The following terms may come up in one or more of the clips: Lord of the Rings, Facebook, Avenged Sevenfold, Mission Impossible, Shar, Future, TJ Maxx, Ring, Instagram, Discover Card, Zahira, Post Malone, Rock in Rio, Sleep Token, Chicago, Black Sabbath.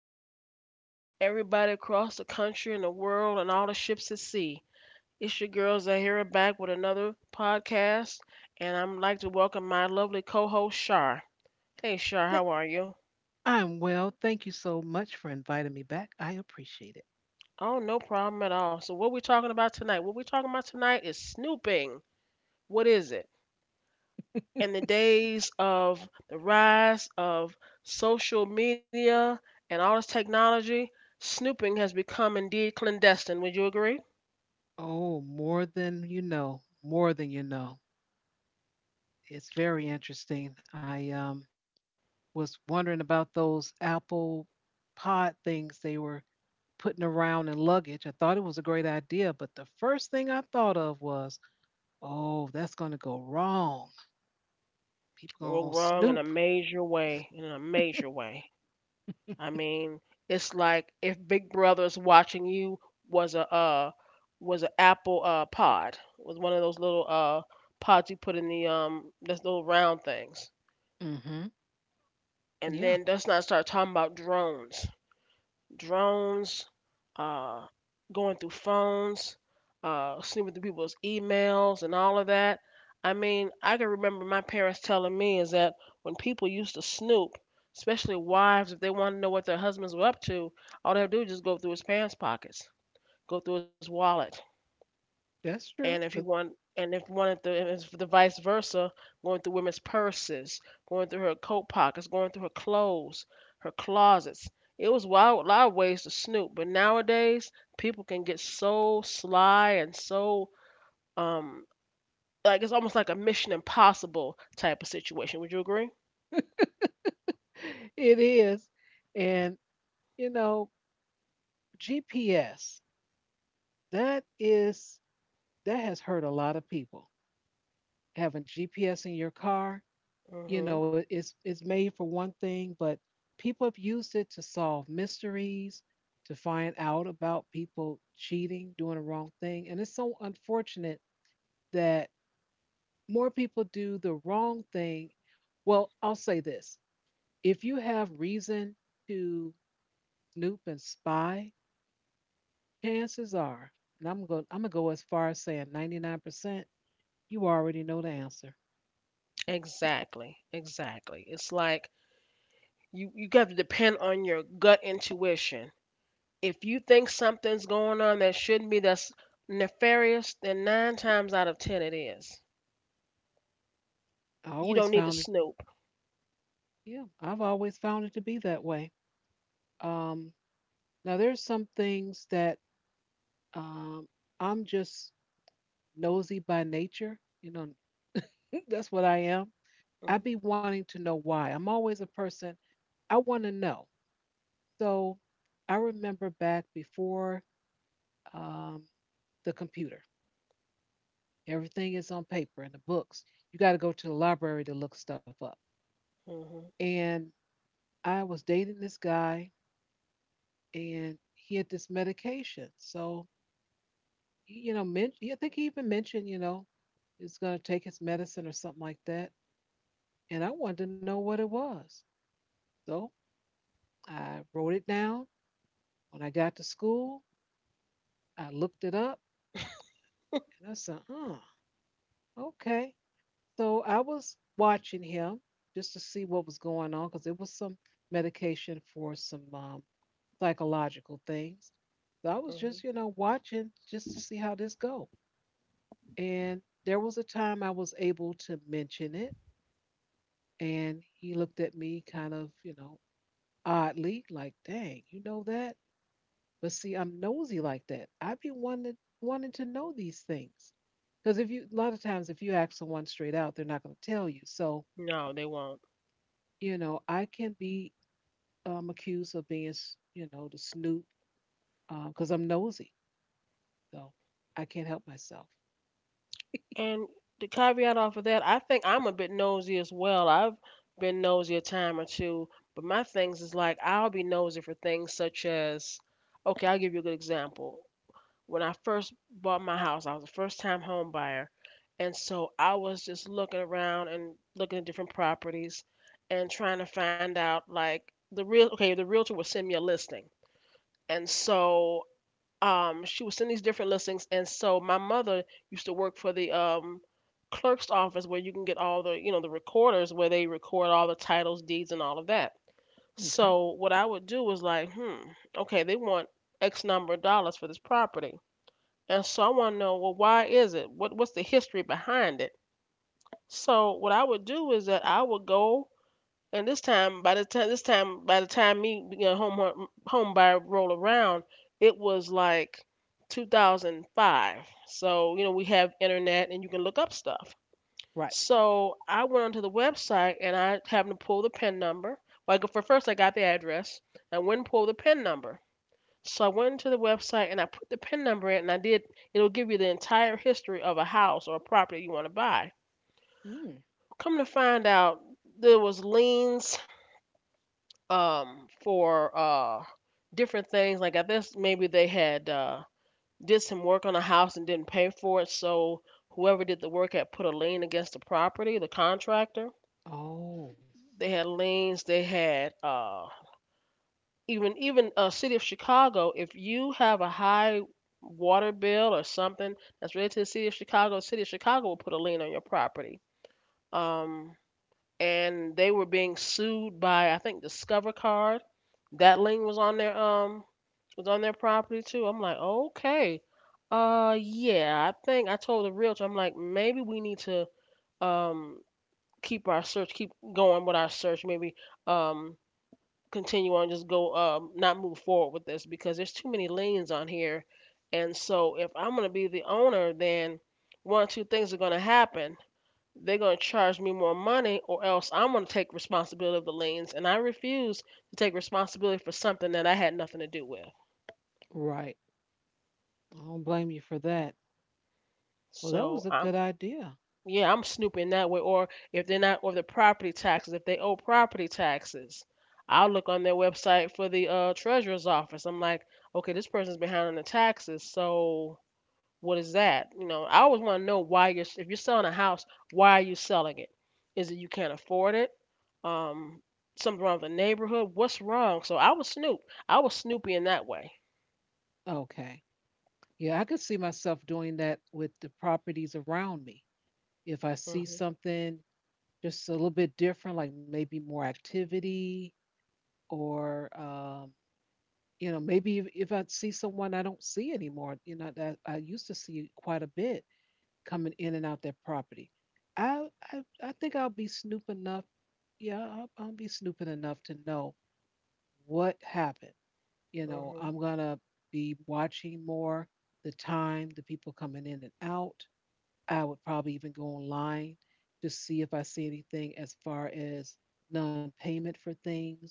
and all, everybody across the country and the world, and all the ships at sea. It's your girl Zahira back with another podcast, and I'm like to welcome my lovely co-host Shar. Hey Shar, Th- how are you? I'm well. Thank you so much for inviting me back. I appreciate it. Oh, no problem at all. So what we talking about tonight? What we talking about tonight is snooping. What is it? In the days of the rise of social media and all this technology, snooping has become indeed clandestine. Would you agree? Oh, more than you know, more than you know. It's very interesting. I was wondering about those Apple pod things they were putting around in luggage. I thought it was a great idea, but the first thing I thought of was, oh, that's going to go wrong. People going Well, to wrong snoop. in a major way. In a major way. I mean, it's like if Big Brother's watching you was a was an Apple pod, was one of those little pods you put in the those little round things, Hmm. and Yeah, then let's not start talking about drones, uh, going through phones, snooping through people's emails and all of that. I mean, I can remember my parents telling me is that when people used to snoop, especially wives, if they wanted to know what their husbands were up to, all they would do is just go through his pants pockets, go through his wallet, that's and if true. you 'Cause want and if one of the and it's the vice versa, going through women's purses, going through her coat pockets, going through her clothes, her closets. It was wild, a lot of ways to snoop, but nowadays people can get so sly and so um like it's almost like a Mission Impossible type of situation. Would you agree? it is. And, you know, GPS. That is that has hurt a lot of people. Having GPS in your car, you hmm know, it's it's made for one thing, but people have used it to solve mysteries, to find out about people cheating, doing the wrong thing, and it's so unfortunate that more people do the wrong thing. Well, I'll say this: if you have reason to snoop and spy, chances are, and I'm gonna go as far as saying 99%, you already know the answer. exactly, exactly. It's like you have to depend on your gut intuition. If you think something's going on that shouldn't be, that's nefarious, then nine times out of ten it is. I You always don't need to found it, snoop. yeah, I've always found it to be that way. Um, Now, there's some things that um, I'm just nosy by nature. You know, that's what I am. I be wanting to know why. I'm always a person, I want to know. So I remember back before um, the computer, everything is on paper in the books. You got to go to the library to look stuff up. Mm-hmm. And I was dating this guy, and he had this medication. So you know, yeah, I think he even mentioned, you know, he's going to take his medicine or something like that. And I wanted to know what it was. So I wrote it down. When I got to school, I looked it up and I said, huh, okay. So I was watching him just to see what was going on because it was some medication for some psychological things. So I was hmm just, you know, watching just to see how this go. And there was a time I was able to mention it. And he looked at me kind of, you know, oddly, like, dang, you know that? But see, I'm nosy like that. I've been wanting to know these things. Because if you, a lot of times, if you ask someone straight out, they're not going to tell you. So, No, they won't. you know, I can be accused of being, you know, the snoop because I'm nosy. So I can't help myself. And the caveat off of that, I think I'm a bit nosy as well. I've been nosy a time or two, but my things is like I'll be nosy for things such as, okay, I'll give you a good example. When I first bought my house, I was a first time home buyer. And so I was just looking around and looking at different properties and trying to find out like the real okay, the realtor would send me a listing. And so she would send these different listings, and so my mother used to work for the clerk's office where you can get all the, you know, the recorders where they record all the titles, deeds and all of that. Okay. So what I would do was like, hmm, okay, they want X number of dollars for this property. And so I want to know, well, why is it? What's the history behind it? So what I would do is that I would go, and this time by the time this time by the time me, you know, home home buyer roll around, it was like 2005. So you know we have internet and you can look up stuff. Right. So I went onto the website and I happened to pull the PIN number. Well, for first I got the address. I went and pulled the PIN number. So I went into the website and I put the PIN number in, and I did it'll give you the entire history of a house or a property you want to buy. Mm. Come to find out there was liens for different things, like I guess maybe they had did some work on a house and didn't pay for it, so whoever did the work had put a lien against the property, the contractor. Oh, They had liens, they had. Even city of Chicago, if you have a high water bill or something that's related to the city of Chicago, the city of Chicago will put a lien on your property. Um, and they were being sued by I think Discover Card. That lien was on their property too. I'm like, okay, yeah, I think I told the realtor, I'm like, maybe we need to um keep our search, keep going with our search, maybe um continue on, just go, not move forward with this because there's too many lanes on here. And so if I'm going to be the owner, then one or two things are going to happen. They're going to charge me more money, or else I'm going to take responsibility of the lanes. And I refuse to take responsibility for something that I had nothing to do with. right. I don't blame you for that. Well, that was So a I'm, good idea. yeah, I'm snooping that way. Or if they're not, or the property taxes, if they owe property taxes, I'll look on their website for the treasurer's office. I'm like, okay, this person's behind on the taxes, so what is that? You know, I always want to know why you're, if you're selling a house, why are you selling it? Is it you can't afford it? Um, something wrong with the neighborhood? What's wrong? So I was snoop. I was snoopy in that way. Okay. Yeah, I could see myself doing that with the properties around me. If I see hmm something just a little bit different, like maybe more activity or you know, maybe if I see someone I don't see anymore, you know, that I used to see quite a bit coming in and out that property. I I think I'll be snoop enough. Yeah, I'll be snooping enough to know what happened. You know, hmm I'm gonna be watching more the time, the people coming in and out, I would probably even go online to see if I see anything as far as non-payment for things.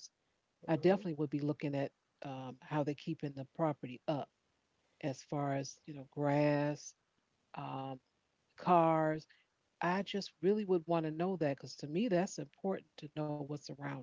I definitely hmm would be looking at how they're keeping the property up as far as you know grass, um, cars. I just really would want to know that because to me that's important to know what's around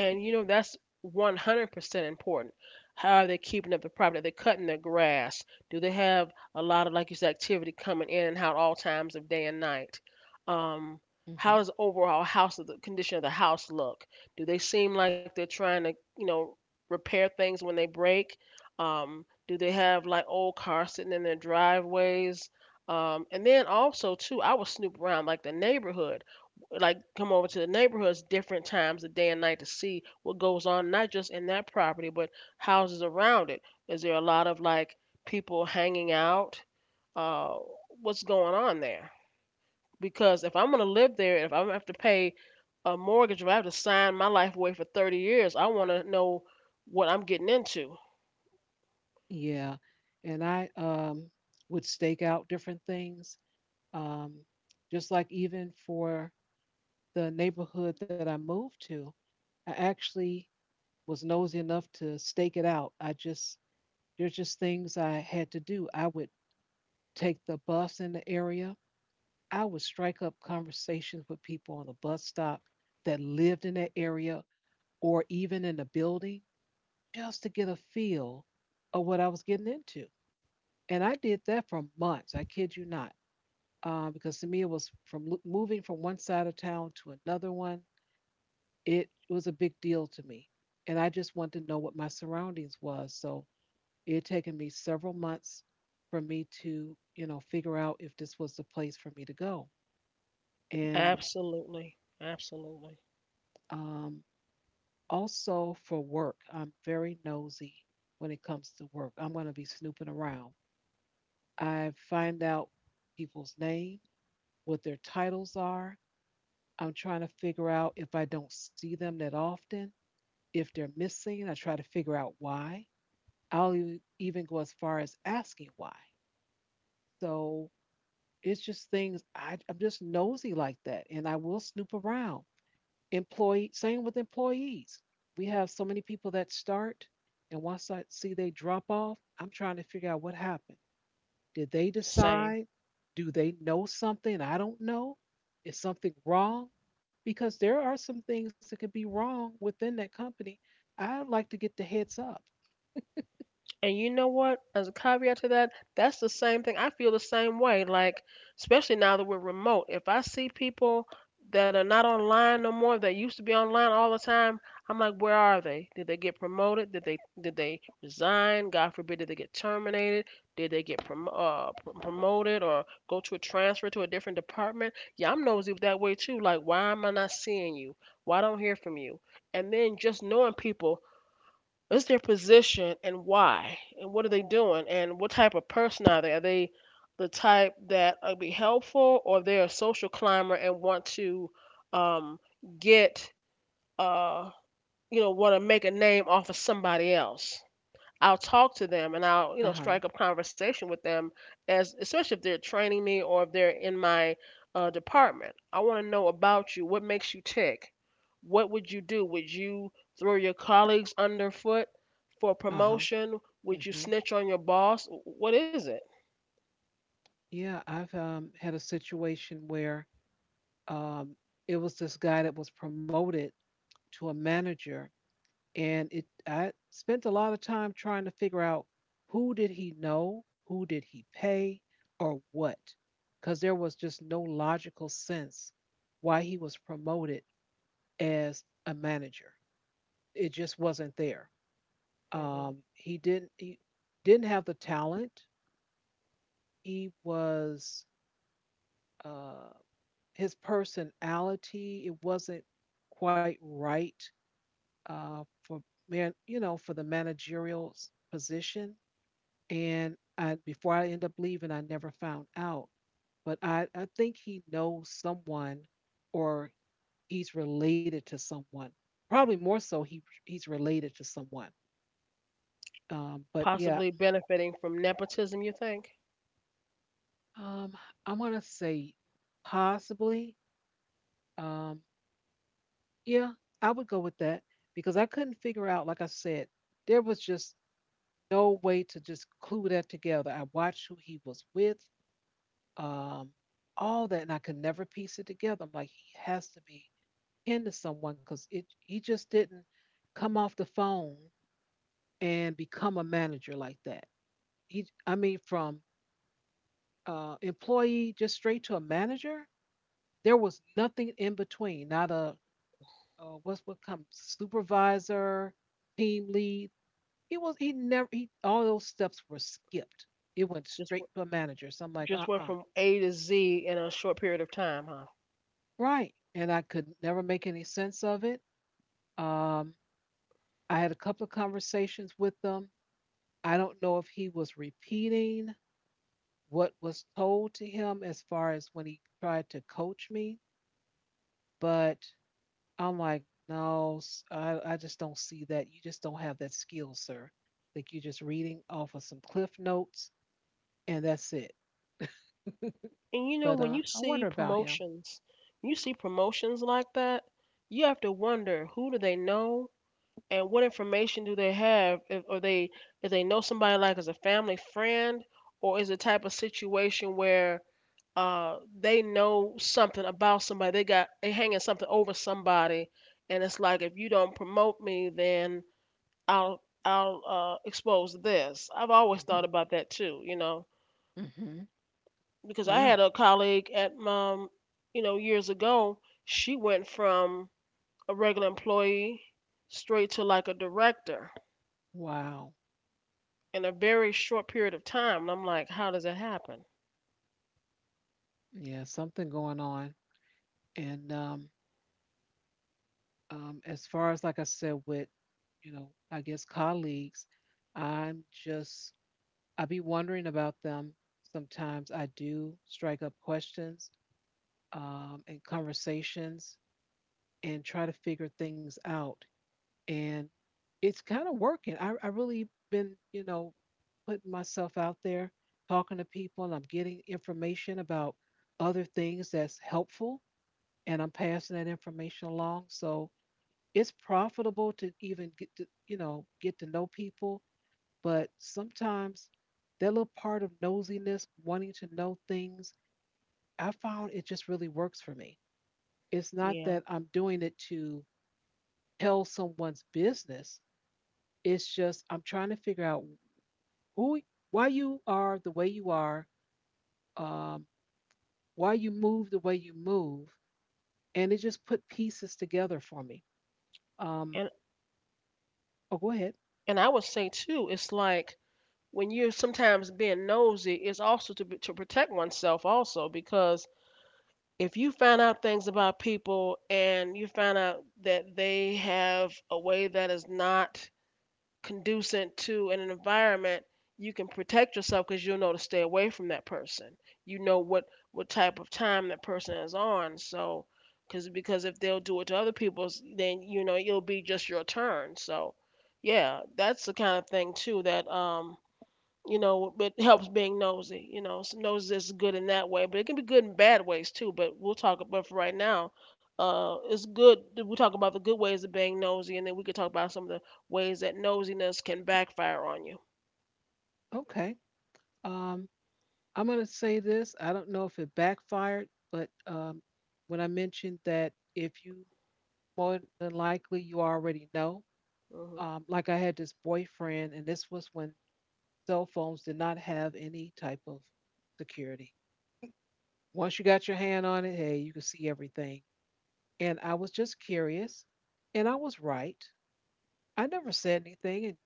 And you know that's 100% important. How are they keeping up the property? Are they cutting their grass? Do they have a lot of, like you said, activity coming in and out at all times of day and night? Um, you. Hmm. how does the overall house, the condition of the house look? Do they seem like they're trying to, you know, repair things when they break? Do they have like old cars sitting in their driveways? And then also too, I would snoop around like the neighborhood, like come over to the neighborhoods different times of day and night to see what goes on, not just in that property but houses around it. Is there a lot of like people hanging out, uh what's going on there? Because if I'm going to live there, if I'm going to have to pay a mortgage, if I have to sign my life away for 30 years, I want to know what I'm getting into. Yeah, and I would stake out different things, um, just like even for the neighborhood that I moved to, I actually was nosy enough to stake it out. I just, there's just things I had to do. I would take the bus in the area. I would strike up conversations with people on the bus stop that lived in that area or even in the building just to get a feel of what I was getting into. And I did that for months. I kid you not. Because to me, it was moving from one side of town to another one, it was a big deal to me, and I just wanted to know what my surroundings was. So it had taken me several months for me to you know figure out if this was the place for me to go. And Absolutely, absolutely. um, also for work, I'm very nosy. When it comes to work, I'm going to be snooping around. I find out people's name, what their titles are. I'm trying to figure out if I don't see them that often, if they're missing I try to figure out why. I'll even go as far as asking why. So it's just things I'm just nosy like that, and I will snoop around. Employee, same with employees. We have so many people that start, and once I see they drop off, I'm trying to figure out what happened. Did they Same. decide? Do they know something I don't know? Is something wrong? Because there are some things that could be wrong within that company. I'd like to get the heads up. And you know what? As a caveat to that, that's the same thing. I feel the same way. Like, especially now that we're remote, if I see people that are not online no more, that used to be online all the time, I'm like, where are they? Did they get promoted? Did they resign? God forbid, did they get terminated? Did they get promoted or go to a transfer to a different department? Yeah, I'm nosy that way too. Like, why am I not seeing you? Why don't I hear from you? And then just knowing people, what's their position and why and what are they doing and what type of person are they, are they the type that would be helpful, or they're a social climber and want to um, get uh, you know, want to make a name off of somebody else. I'll talk to them and I'll, you Uh know, huh. strike up conversation with them, as especially if they're training me or if they're in my department. I want to know about you. What makes you tick? What would you do? Would you throw your colleagues underfoot for Uh promotion? Would you huh. snitch on your boss? What is it? Yeah, I've had a situation where um, it was this guy that was promoted to a manager, and it I spent a lot of time trying to figure out who did he know, who did he pay, or what, because there was just no logical sense why he was promoted as a manager. It just wasn't there. hmm He didn't have the talent. He was. Uh, his personality, it wasn't quite right for man, you know, for the managerial position. And I, before I end up leaving, I never found out. But I think he knows someone, or he's related to someone. Probably more so, he's related to someone. But yeah, Possibly benefiting from nepotism, you think? um, I'm gonna say possibly. Um, Yeah, I would go with that because I couldn't figure out, like I said, there was just no way to just clue that together. I watched who he was with, um, all that, and I could never piece it together. I'm like, he has to be into someone because it he just didn't come off the phone and become a manager like that. I mean, from employee just straight to a manager, there was nothing in between. Not a what's what comes supervisor, team lead. He was he never he all those steps were skipped. It went Just straight w- to a manager. So I'm like, just went uh-uh. from A to Z in a short period of time, huh? Right. And I could never make any sense of it. Um, I had a couple of conversations with them. I don't know if he was repeating what was told to him as far as when he tried to coach me, but I'm like, no, I just don't see that. You just don't have that skill, sir. Like you're just reading off of some cliff notes and that's it. And you know, But when you I wonder see about him. promotions, when you see promotions like that, you have to wonder who do they know and what information do they have? If, or they if they know somebody like as a family friend, or is it type of situation where they know something about somebody, they got they hanging something over somebody, and it's like if you don't promote me, then I'll expose this. I've always thought Hmm. about that too, you know, Hmm. because I had Yeah. a colleague at mom, you know, years ago. She went from a regular employee straight to like a director Wow. in a very short period of time. And I'm like, how does that happen? Yeah, something going on. And as far as like I said, with you know, I guess colleagues, I'm just I be wondering about them. Sometimes I do strike up questions and conversations and try to figure things out. And it's kind of working. I really been you know putting myself out there, talking to people, and I'm getting information about other things that's helpful, and I'm passing that information along. So it's profitable to even get to you know get to know people, but sometimes that little part of nosiness, wanting to know things, I found it just really works for me. It's not Yeah. that I'm doing it to tell someone's business. It's just I'm trying to figure out who, why you are the way you are, um, why you move the way you move, and it just put pieces together for me. Um, And oh, go ahead. and I would say too, it's like when you're sometimes being nosy, it's also to be- to protect oneself also, because if you find out things about people and you find out that they have a way that is not conducent to in an environment, you can protect yourself because you'll know to stay away from that person. You know what type of time that person is on. So, cause, because if they'll do it to other people, then you know it'll be just your turn. So, yeah, that's the kind of thing too that you know, it helps being nosy. You know, so nosy is good in that way, but it can be good in bad ways too. But we'll talk about for right now. It's good. That We'll talk about the good ways of being nosy, and then we can talk about some of the ways that nosiness can backfire on you. Okay. Um, I'm gonna say this. I don't know if it backfired, but when I mentioned that if you more than likely you already know, Hmm. Like I had this boyfriend, and this was when cell phones did not have any type of security. Once you got your hand on it, hey, you could see everything. And I was just curious, and I was right. I never said anything, and,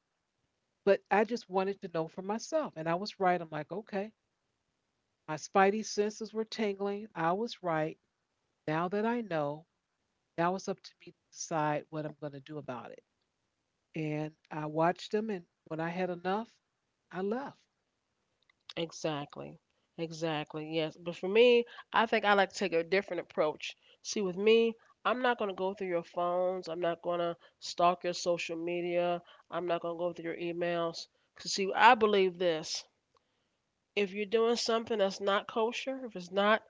but I just wanted to know for myself. And I was right. I'm like, okay, my spidey senses were tingling. I was right. Now that I know, now it's up to me to decide what I'm going to do about it. And I watched them, and when I had enough, I left. Exactly. Exactly. Yes. But for me, I think I like to take a different approach. See, with me, I'm not gonna go through your phones. I'm not gonna stalk your social media. I'm not gonna go through your emails. 'Cause see, I believe this. If you're doing something that's not kosher, if it's not,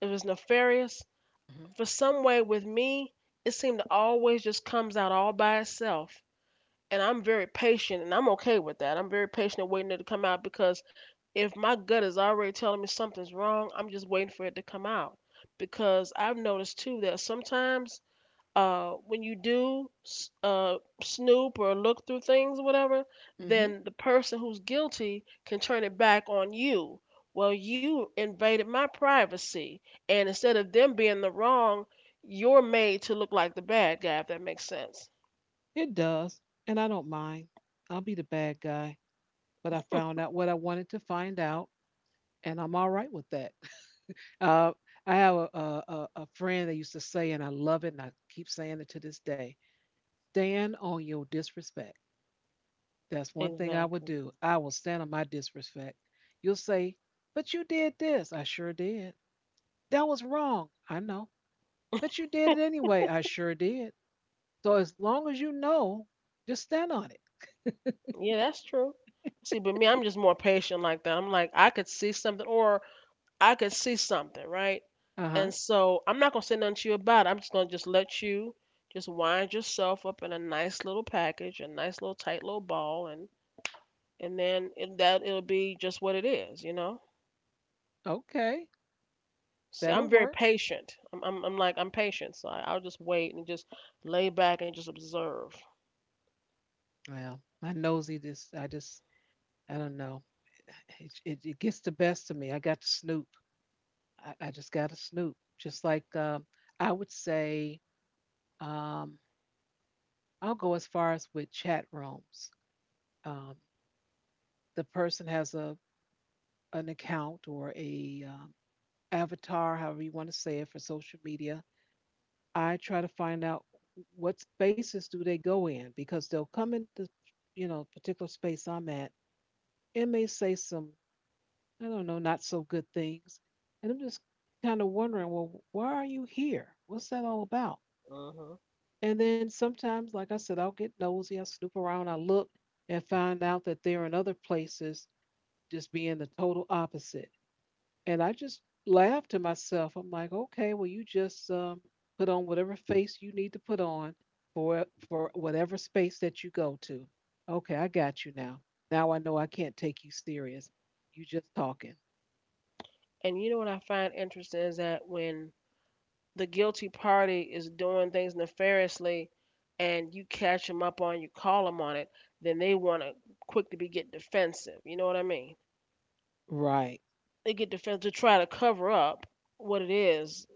if it's nefarious, Mm-hmm. for some way with me, it seemed to always just comes out all by itself. And I'm very patient, and I'm okay with that. I'm very patient and waiting it to come out because if my gut is already telling me something's wrong, I'm just waiting for it to come out. Because I've noticed too that sometimes when you do snoop or look through things or whatever, Hmm. then the person who's guilty can turn it back on you. Well, you invaded my privacy, and instead of them being the wrong, you're made to look like the bad guy, if that makes sense. It does, and I don't mind. I'll be the bad guy, but I found out what I wanted to find out. And I'm all right with that. Uh, I have a friend that used to say, and I love it, and I keep saying it to this day, stand on your disrespect. That's one thing I would Exactly. do. I will stand on my disrespect. You'll say, "But you did this." "I sure did." "That was wrong." "I know." "But you did it anyway." "I sure did." So as long as you know, just stand on it. Yeah, that's true. See, but me, I'm just more patient like that. I'm like, I could see something, or I could see something, right? Uh huh. And so I'm not gonna say nothing to you about it. I'm just gonna just let you just wind yourself up in a nice little package, a nice little tight little ball, and and then it'll be just what it is. Okay. See, That'll I'm very work. patient. I'm like I'm patient, so I'll just wait and just lay back and just observe. Well, my nosy just I don't know. It gets the best of me. I got to snoop. I just got to snoop. Just like I would say, um, I'll go as far as with chat rooms. Um, the person has a an account or a avatar, however you want to say it, for social media. I try to find out what spaces do they go in because they'll come in the particular space I'm at and may say some, I don't know, not so good things. And I'm just kind of wondering, well, why are you here? What's that all about? Hmm. And then sometimes, like I said, I'll get nosy, I'll snoop around, I'll look and find out that they're in other places just being the total opposite. And I just laugh to myself. I'm like, okay, well, you just put on whatever face you need to put on for whatever space that you go to. Okay, I got you now. Now I know I can't take you serious. You just talking. And you know what I find interesting is that when the guilty party is doing things nefariously and you catch them up on, you call them on it, then they want to, quick to be, get defensive, you know what I mean? Right. They get defensive to try to cover up what it is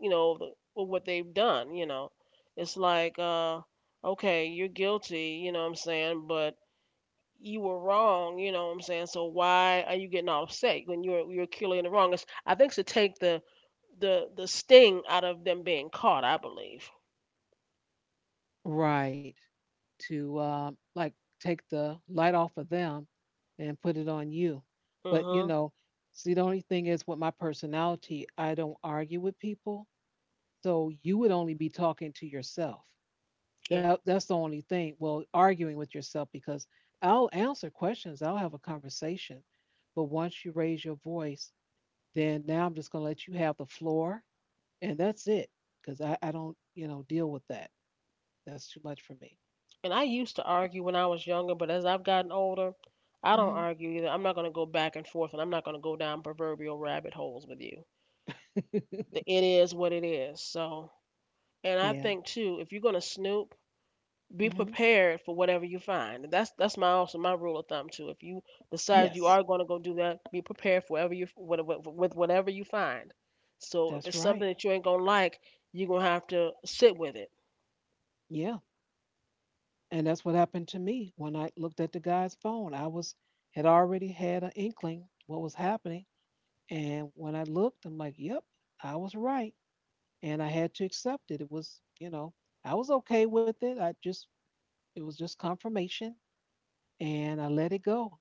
you know the, or what they've done. It's like okay, you're guilty, you know what I'm saying, but you were wrong, you know what I'm saying, so why are you getting all upset when you're clearly in the wrong? I think to take the sting out of them being caught, I believe. Right. To, like, take the light off of them and put it on you. But, Mhm. See, the only thing is with my personality, I don't argue with people. So you would only be talking to yourself. Yeah. That's the only thing. Well, arguing with yourself because I'll answer questions, I'll have a conversation. But once you raise your voice, then now I'm just going to let you have the floor and that's it because I don't, deal with that. That's too much for me. And I used to argue when I was younger, but as I've gotten older, I don't Hmm. argue either. I'm not gonna go back and forth, and I'm not gonna go down proverbial rabbit holes with you. The it is what it is. So, and I Yeah. think too, if you're gonna snoop, be Hmm. prepared for whatever you find. And that's my also my rule of thumb too. If you decide you Yes, are gonna go do that, be prepared for whatever you, what, with whatever you find. So if that's it's right. something that you ain't gonna like, you're gonna have to sit with it. Yeah. And that's what happened to me when I looked at the guy's phone. I was Had already had an inkling what was happening. And when I looked, I'm like, yep, I was right. And I had to accept it. It was, I was okay with it. I just, it was just confirmation and I let it go.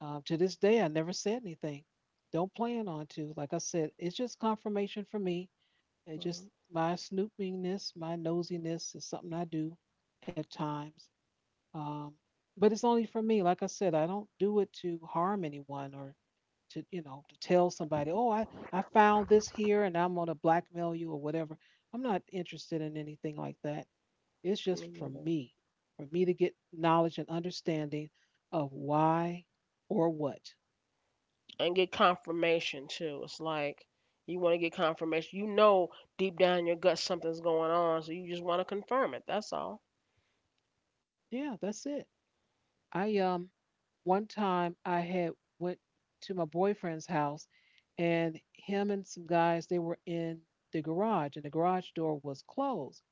To this day, I never said anything. Don't plan on to. Like I said, it's just confirmation for me. They just Mhm. my snoopiness, my nosiness is something I do at times. Um, but it's only for me. Like I said, I don't do it to harm anyone or to you know to tell somebody, oh, I found this here and I'm gonna blackmail you or whatever. I'm not interested in anything like that. It's just Me neither. For me to get knowledge and understanding of why or what. And get confirmation too. It's like you want to get confirmation. You know deep down in your gut something's going on, so you just want to confirm it. That's all. Yeah, that's it. I One time I had went to my boyfriend's house and him and some guys they were in the garage and the garage door was closed.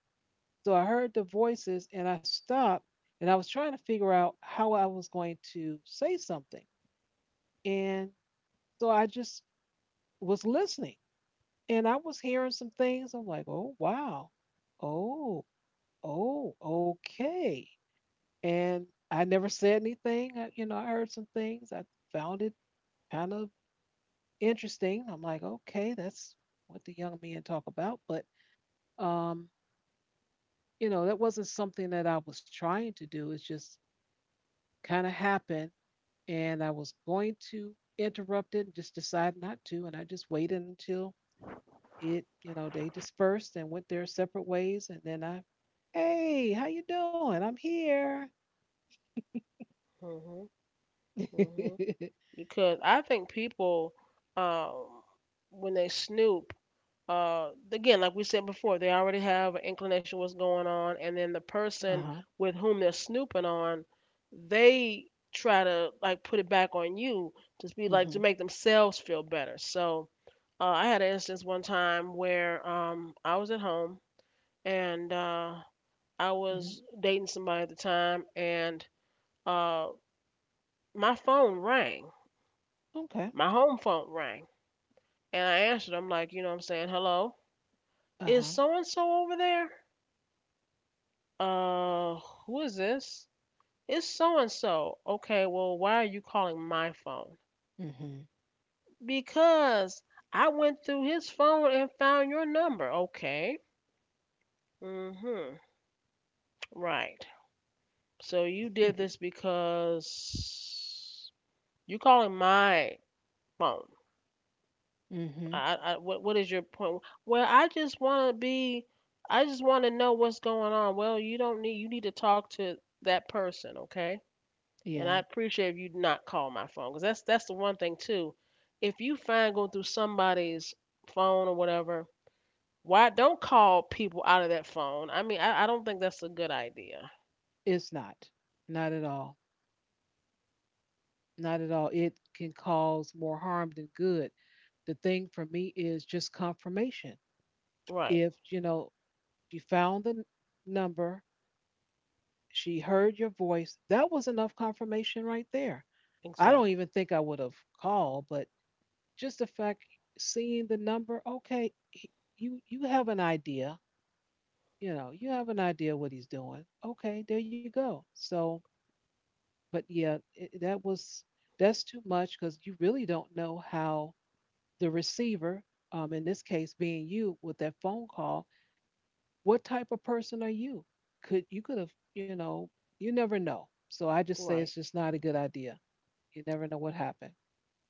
So I heard the voices and I stopped and I was trying to figure out how I was going to say something. And so I just was listening and I was hearing some things. I'm like, "Oh, wow. Oh, oh, okay." And I never said anything. I heard some things. I found it kind of interesting. I'm like, okay, that's what the young men talk about. But, um, that wasn't something that I was trying to do. It's just kind of happened. And I was going to interrupt it, just decided not to. And I just waited until they dispersed and went their separate ways. And then I, hey, how you doing? I'm here. Mhm. Uh-huh. Mhm. Because I think people, um, when they snoop, again, like we said before, they already have an inclination what's going on, and then the person with whom they're snooping on, they try to like put it back on you to be like, Mm-hmm. to make themselves feel better. So I had an instance one time where I was at home, and I Hmm. was dating somebody at the time, and uh my phone rang, Okay. my home phone rang, and I answered. I'm like, you know what I'm saying, hello, is Uh-huh. so and so over there? Uh, who is this? It's so and so. Okay, well, why are you calling my phone? Mm-hmm. Because I went through his phone and found your number. Okay. Mm-hmm. Right. So you did this because you calling my phone. Mm-hmm. I, what is your point? Well, I just want to be, I just want to know what's going on. Well, you don't need, you need to talk to that person, okay? And Yeah. I appreciate if you not call my phone, because that's the one thing too. If you find going through somebody's phone or whatever, why don't call people out of that phone? I mean, I don't think that's a good idea. It's not. Not at all. Not at all. It can cause more harm than good. The thing for me is just confirmation. Right. If, she found the number, she heard your voice, that was enough confirmation right there. I don't Exactly. even think I would have called, but just the fact seeing the number, okay, you have an idea, you have an idea what he's doing. Okay, there you go. So, but yeah, it, that was that's too much because you really don't know how the receiver, in this case being you with that phone call, what type of person are you? Could have, you never know. So I just say Right. it's just not a good idea. You never know what happened.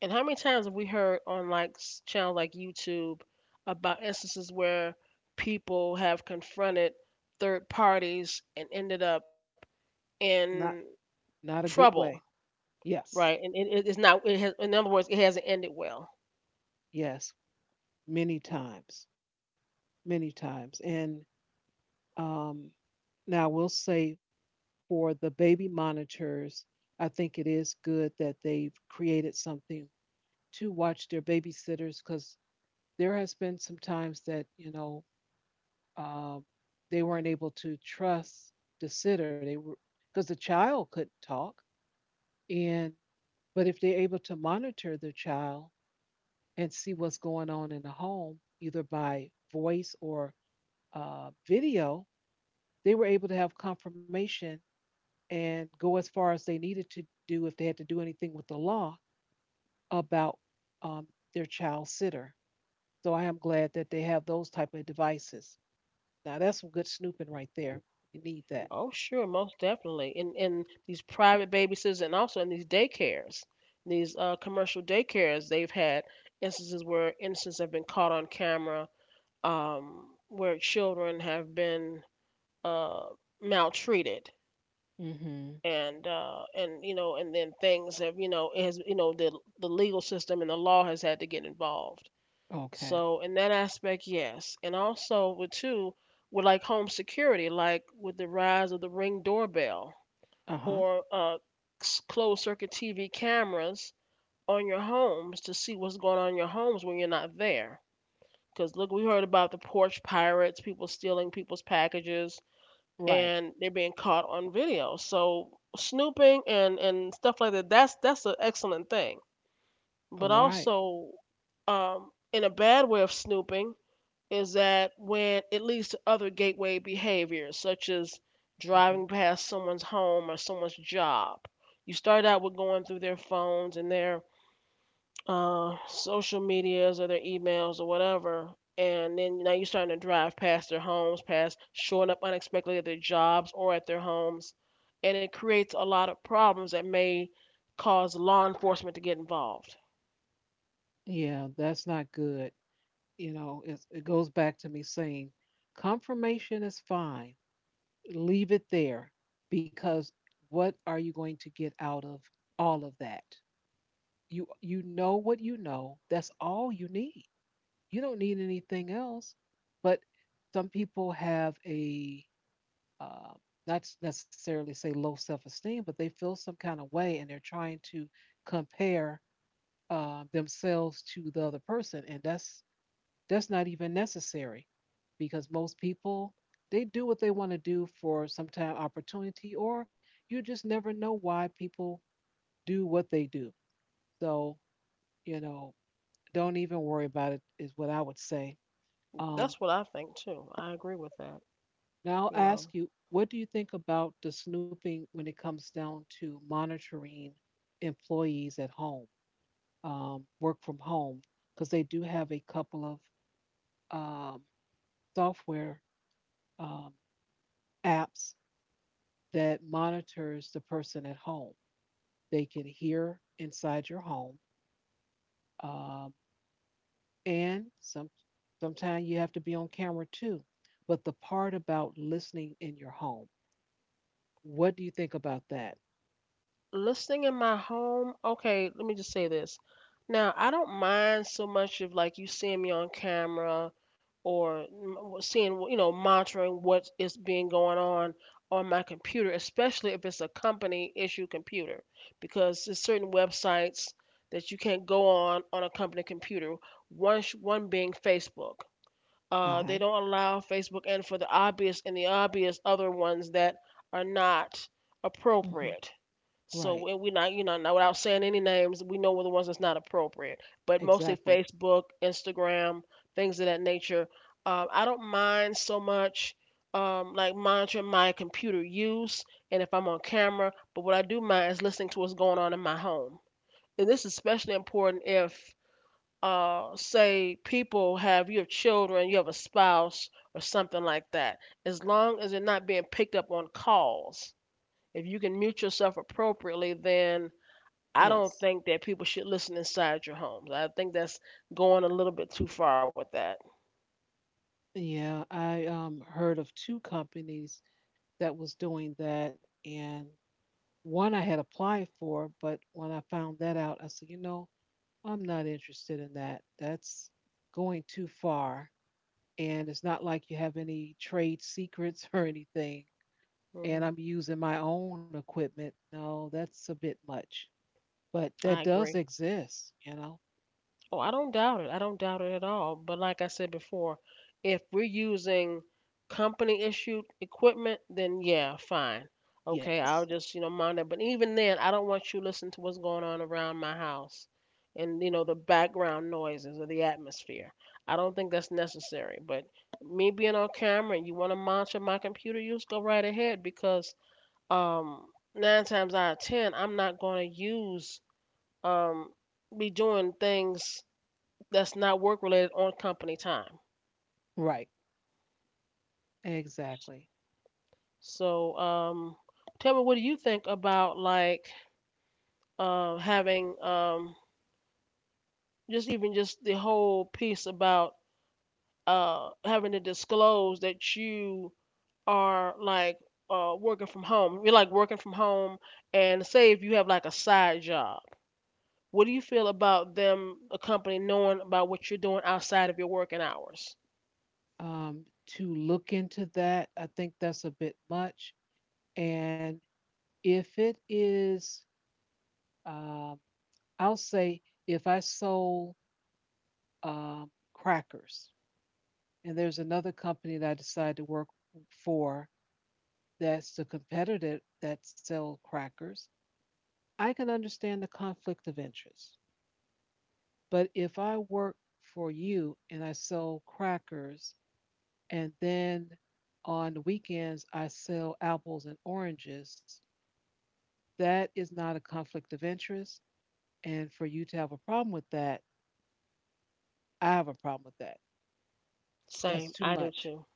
And how many times have we heard on like channels like YouTube about instances where people have confronted third parties and ended up in Not not a good trouble, way. Yes. right? And it, it's not. It has, in other words, it hasn't ended well. Yes. Many times. Many times. And um now I will say for the baby monitors, I think it is good that they've created something to watch their babysitters because there has been some times that, um, they weren't able to trust the sitter. They were because the child couldn't talk, and but if they're able to monitor the child and see what's going on in the home, either by voice or video, they were able to have confirmation and go as far as they needed to do if they had to do anything with the law about um, their child sitter. So I am glad that they have those type of devices. Now that's some good snooping right there. You need that. Oh, sure, most definitely. In these private babysitters and also in these daycares, these commercial daycares, they've had instances where instances have been caught on camera, where children have been uh, maltreated. Mm-hmm. And you know, and then things have, you know, it has, you know, the legal system and the law has had to get involved. Okay. So in that aspect, yes, and also with too, with like home security, like with the rise of the ring doorbell Uh huh. or closed circuit TV cameras on your homes to see what's going on in your homes when you're not there. Because look, we heard about the porch pirates, people stealing people's packages, Right. and they're being caught on video. So snooping and stuff like that, that's an excellent thing. All But right. also, in a bad way of snooping, is that when it leads to other gateway behaviors, such as Mm-hmm. driving past someone's home or someone's job. You start out with going through their phones and their social medias or their emails or whatever, and then now you're starting to drive past their homes, past showing up unexpectedly at their jobs or at their homes, and it creates a lot of problems that may cause law enforcement to get involved. Yeah, that's not good. You know, it goes back to me saying confirmation is fine. Leave it there because what are you going to get out of all of that? You know what you know. That's all you need. You don't need anything else. But some people have a uh, not necessarily say low self esteem, but they feel some kind of way and they're trying to compare themselves to the other person, and that's not even necessary because most people they do what they want to do for some time opportunity, or you just never know why people do what they do. So you know, don't even worry about it is what I would say. Um, That's what I think too. I agree with that, Now I'll you ask know. you, what do you think about the snooping when it comes down to monitoring employees at home, work from home? Because they do have a couple of software um, apps that monitors the person at home. They can hear inside your home, um, and sometimes you have to be on camera too. But the part about listening in your home, what do you think about that? Listening in my home, okay, let me just say this. Now, I don't mind so much of like you seeing me on camera or seeing, you know, monitoring what is being going on my computer, especially if it's a company issue computer, because there's certain websites that you can't go on a company computer, one, one being Facebook. Uh They huh. don't allow Facebook and for the obvious and the obvious other ones that are not Hmm. appropriate. So Right. We're not, not without saying any names, we know we're the ones that's not appropriate. But mostly Exactly. Facebook, Instagram, things of that nature. I don't mind so much like monitoring my computer use and if I'm on camera, but what I do mind is listening to what's going on in my home. And this is especially important if, say, people have you have children, you have a spouse, or something like that. As long as they're not being picked up on calls, if you can mute yourself appropriately, then I don't Yes. think that people should listen inside your homes. I think that's going a little bit too far with that. Yeah, I heard of two companies that was doing that, and one I had applied for, but when I found that out, I said, I'm not interested in that. That's going too far. And it's not like you have any trade secrets or anything. And Hmm. I'm using my own equipment. No, that's a bit much. But that I does agree. exist, you know? Oh, I don't doubt it. I don't doubt it at all. But like I said before, if we're using company issued equipment, then yeah, fine. Okay, Yes. I'll just mind it. But even then, I don't want you listening to what's going on around my house and the background noises or the atmosphere. I don't think that's necessary. But me being on camera and you want to monitor my computer use, go right ahead because um, nine times out of ten, I'm not going to um, be doing things that's not work related on company time. Right. Exactly. So, tell me, what do you think about like having just even just the whole piece about having to disclose that you are like working from home? You're like working from home, and say if you have like a side job, what do you feel about them, a company knowing about what you're doing outside of your working hours? To look into that, I think that's a bit much. And if it is, um, I'll say if I sold um, crackers and there's another company that I decided to work for that's the competitor that sells crackers, I can understand the conflict of interest. But if I work for you and I sell crackers and then on the weekends I sell apples and oranges, that is not a conflict of interest. And for you to have a problem with that, I have a problem with that. That's Same, too I do much. too.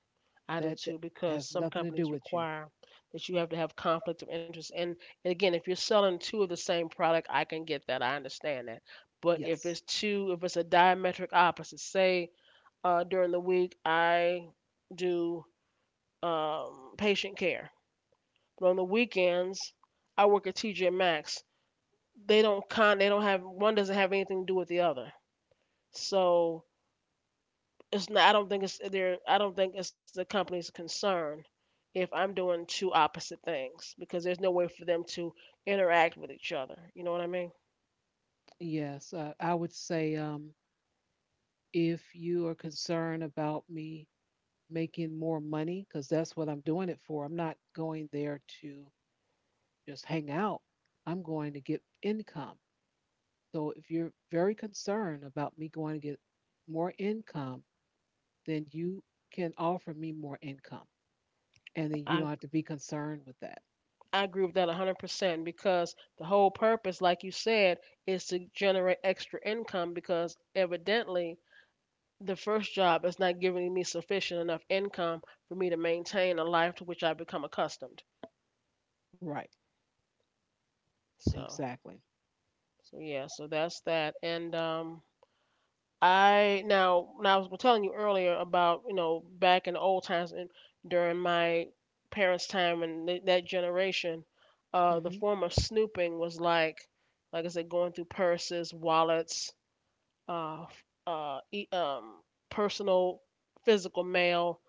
I do That, too, that because has some nothing to do companies with you. require that you have to have conflict of interest. And again, if you're selling two of the same product, I can get that. I understand that. But if Yes. it's two, if it's a diametric opposite, say during the week I do patient care, but on the weekends I work at TJ Maxx. They don't con. They don't have, one doesn't have anything to do with the other. So it's not, I don't think it's there. I don't think it's the company's concern if I'm doing two opposite things because there's no way for them to interact with each other. You know what I mean? Yes. I would say if you are concerned about me making more money, because that's what I'm doing it for, I'm not going there to just hang out. I'm going to get income. So if you're very concerned about me going to get more income, then you can offer me more income. And then you don't I have to be concerned with that. I agree with that 100% because the whole purpose, like you said, is to generate extra income because evidently the first job is not giving me sufficient enough income for me to maintain a life to which I've become accustomed. Right. So Exactly. so yeah, so that's that. And I now now I was telling you earlier about back in the old times and during my parents' time and that generation. Mm-hmm. The form of snooping was like I said: going through purses, wallets, uh, f- uh, e- um, personal physical mail,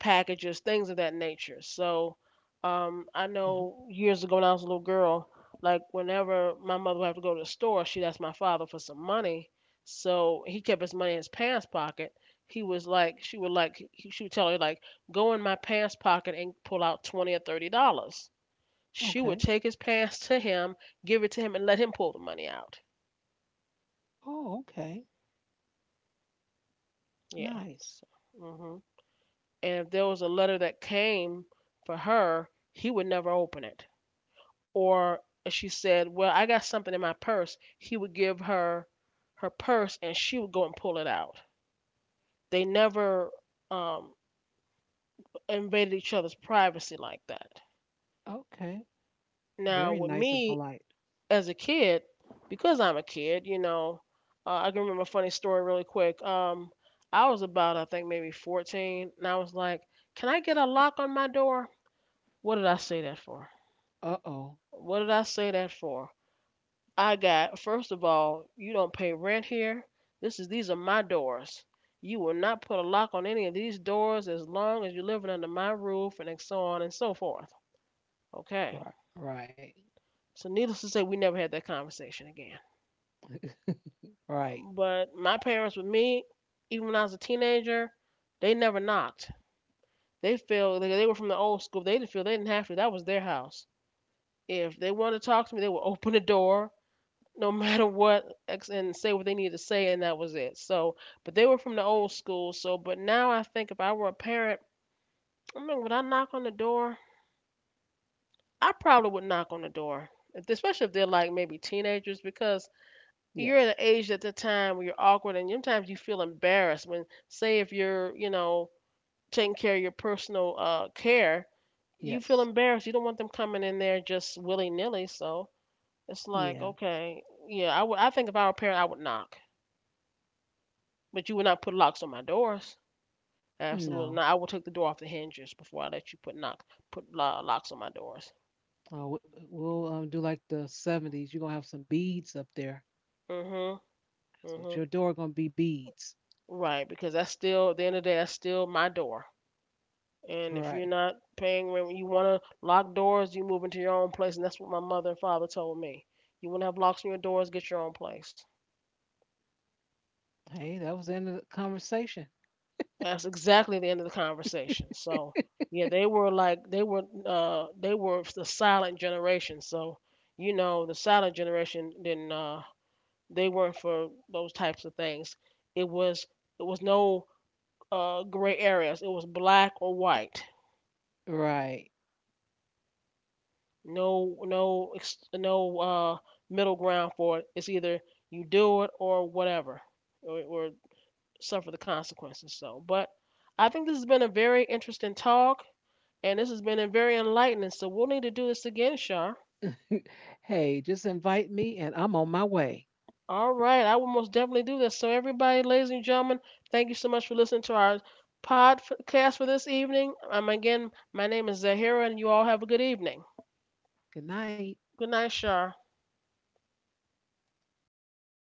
packages, things of that nature. So I know years ago when I was a little girl, like whenever my mother would have to go to the store, she'd ask my father for some money. So he kept his money in his pants pocket. He was like, she would like, he, she would tell her like, go in my pants pocket and pull out $20 or $30. She Okay. would take his pants to him, give it to him, and let him pull the money out. Oh, okay. Yeah. Nice. So, hmm and if there was a letter that came for her, he would never open it, or she said, "Well, I got something in my purse," he would give her her purse, and she would go and pull it out. They never um, invaded each other's privacy like that. Okay. Very Now, with nice and me polite. as a kid, because I'm a kid, I can remember a funny story really quick. I was about, I think, maybe 14, and I was like, "Can I get a lock on my door?" What did I say that for? Uh-oh. What did I say that for? I got, first of all, you don't pay rent here. This is these are my doors. You will not put a lock on any of these doors as long as you're living under my roof, and so on and so forth. Okay. Right. Right. So needless to say, we never had that conversation again. Right. But my parents with me, even when I was a teenager, they never knocked. They were from the old school. They didn't have to. That was their house. If they wanted to talk to me, they would open the door no matter what and say what they needed to say, and that was it. So but they were from the old school. So but now I think if I were a parent, I mean, would I knock on the door? I probably would knock on the door if, especially if they're like maybe teenagers, because you're at Yes. an age at the time where you're awkward and sometimes you feel embarrassed when, say, if you're taking care of your personal care, you feel Yes. embarrassed, you don't want them coming in there just willy-nilly. So it's Yeah. like, okay, yeah, I would, I think if I were a parent I would knock. But you would not put locks on my doors. Absolutely not. No. I will take the door off the hinges before I let you put locks on my doors. We'll do like the 70s. You're going to have some beads up there. Mhm. That's what Mhm. your door going to be beads. Right, because that's still, at the end of the day, that's still my door. And if you're Right. not paying rent, you want to lock doors, you move into your own place, and that's what my mother and father told me. You want to have locks on your doors, get your own place. Hey, that was the end of the conversation. That's exactly the end of the conversation. So, yeah, they were the silent generation. So, you know, the silent generation didn't, they were not for those types of things. It was, it was no gray areas. It was black or white. Right. No no no middle ground for it. It's either you do it or whatever, or suffer the consequences. So, but I think this has been a very interesting talk, and this has been a very enlightening. So we'll need to do this again, Shar. Hey, just invite me and I'm on my way. All right, I will most definitely do this. So, everybody, ladies and gentlemen, thank you so much for listening to our podcast for this evening. Again, my name is Zahira, and you all have a good evening. Good night. Good night, Shar.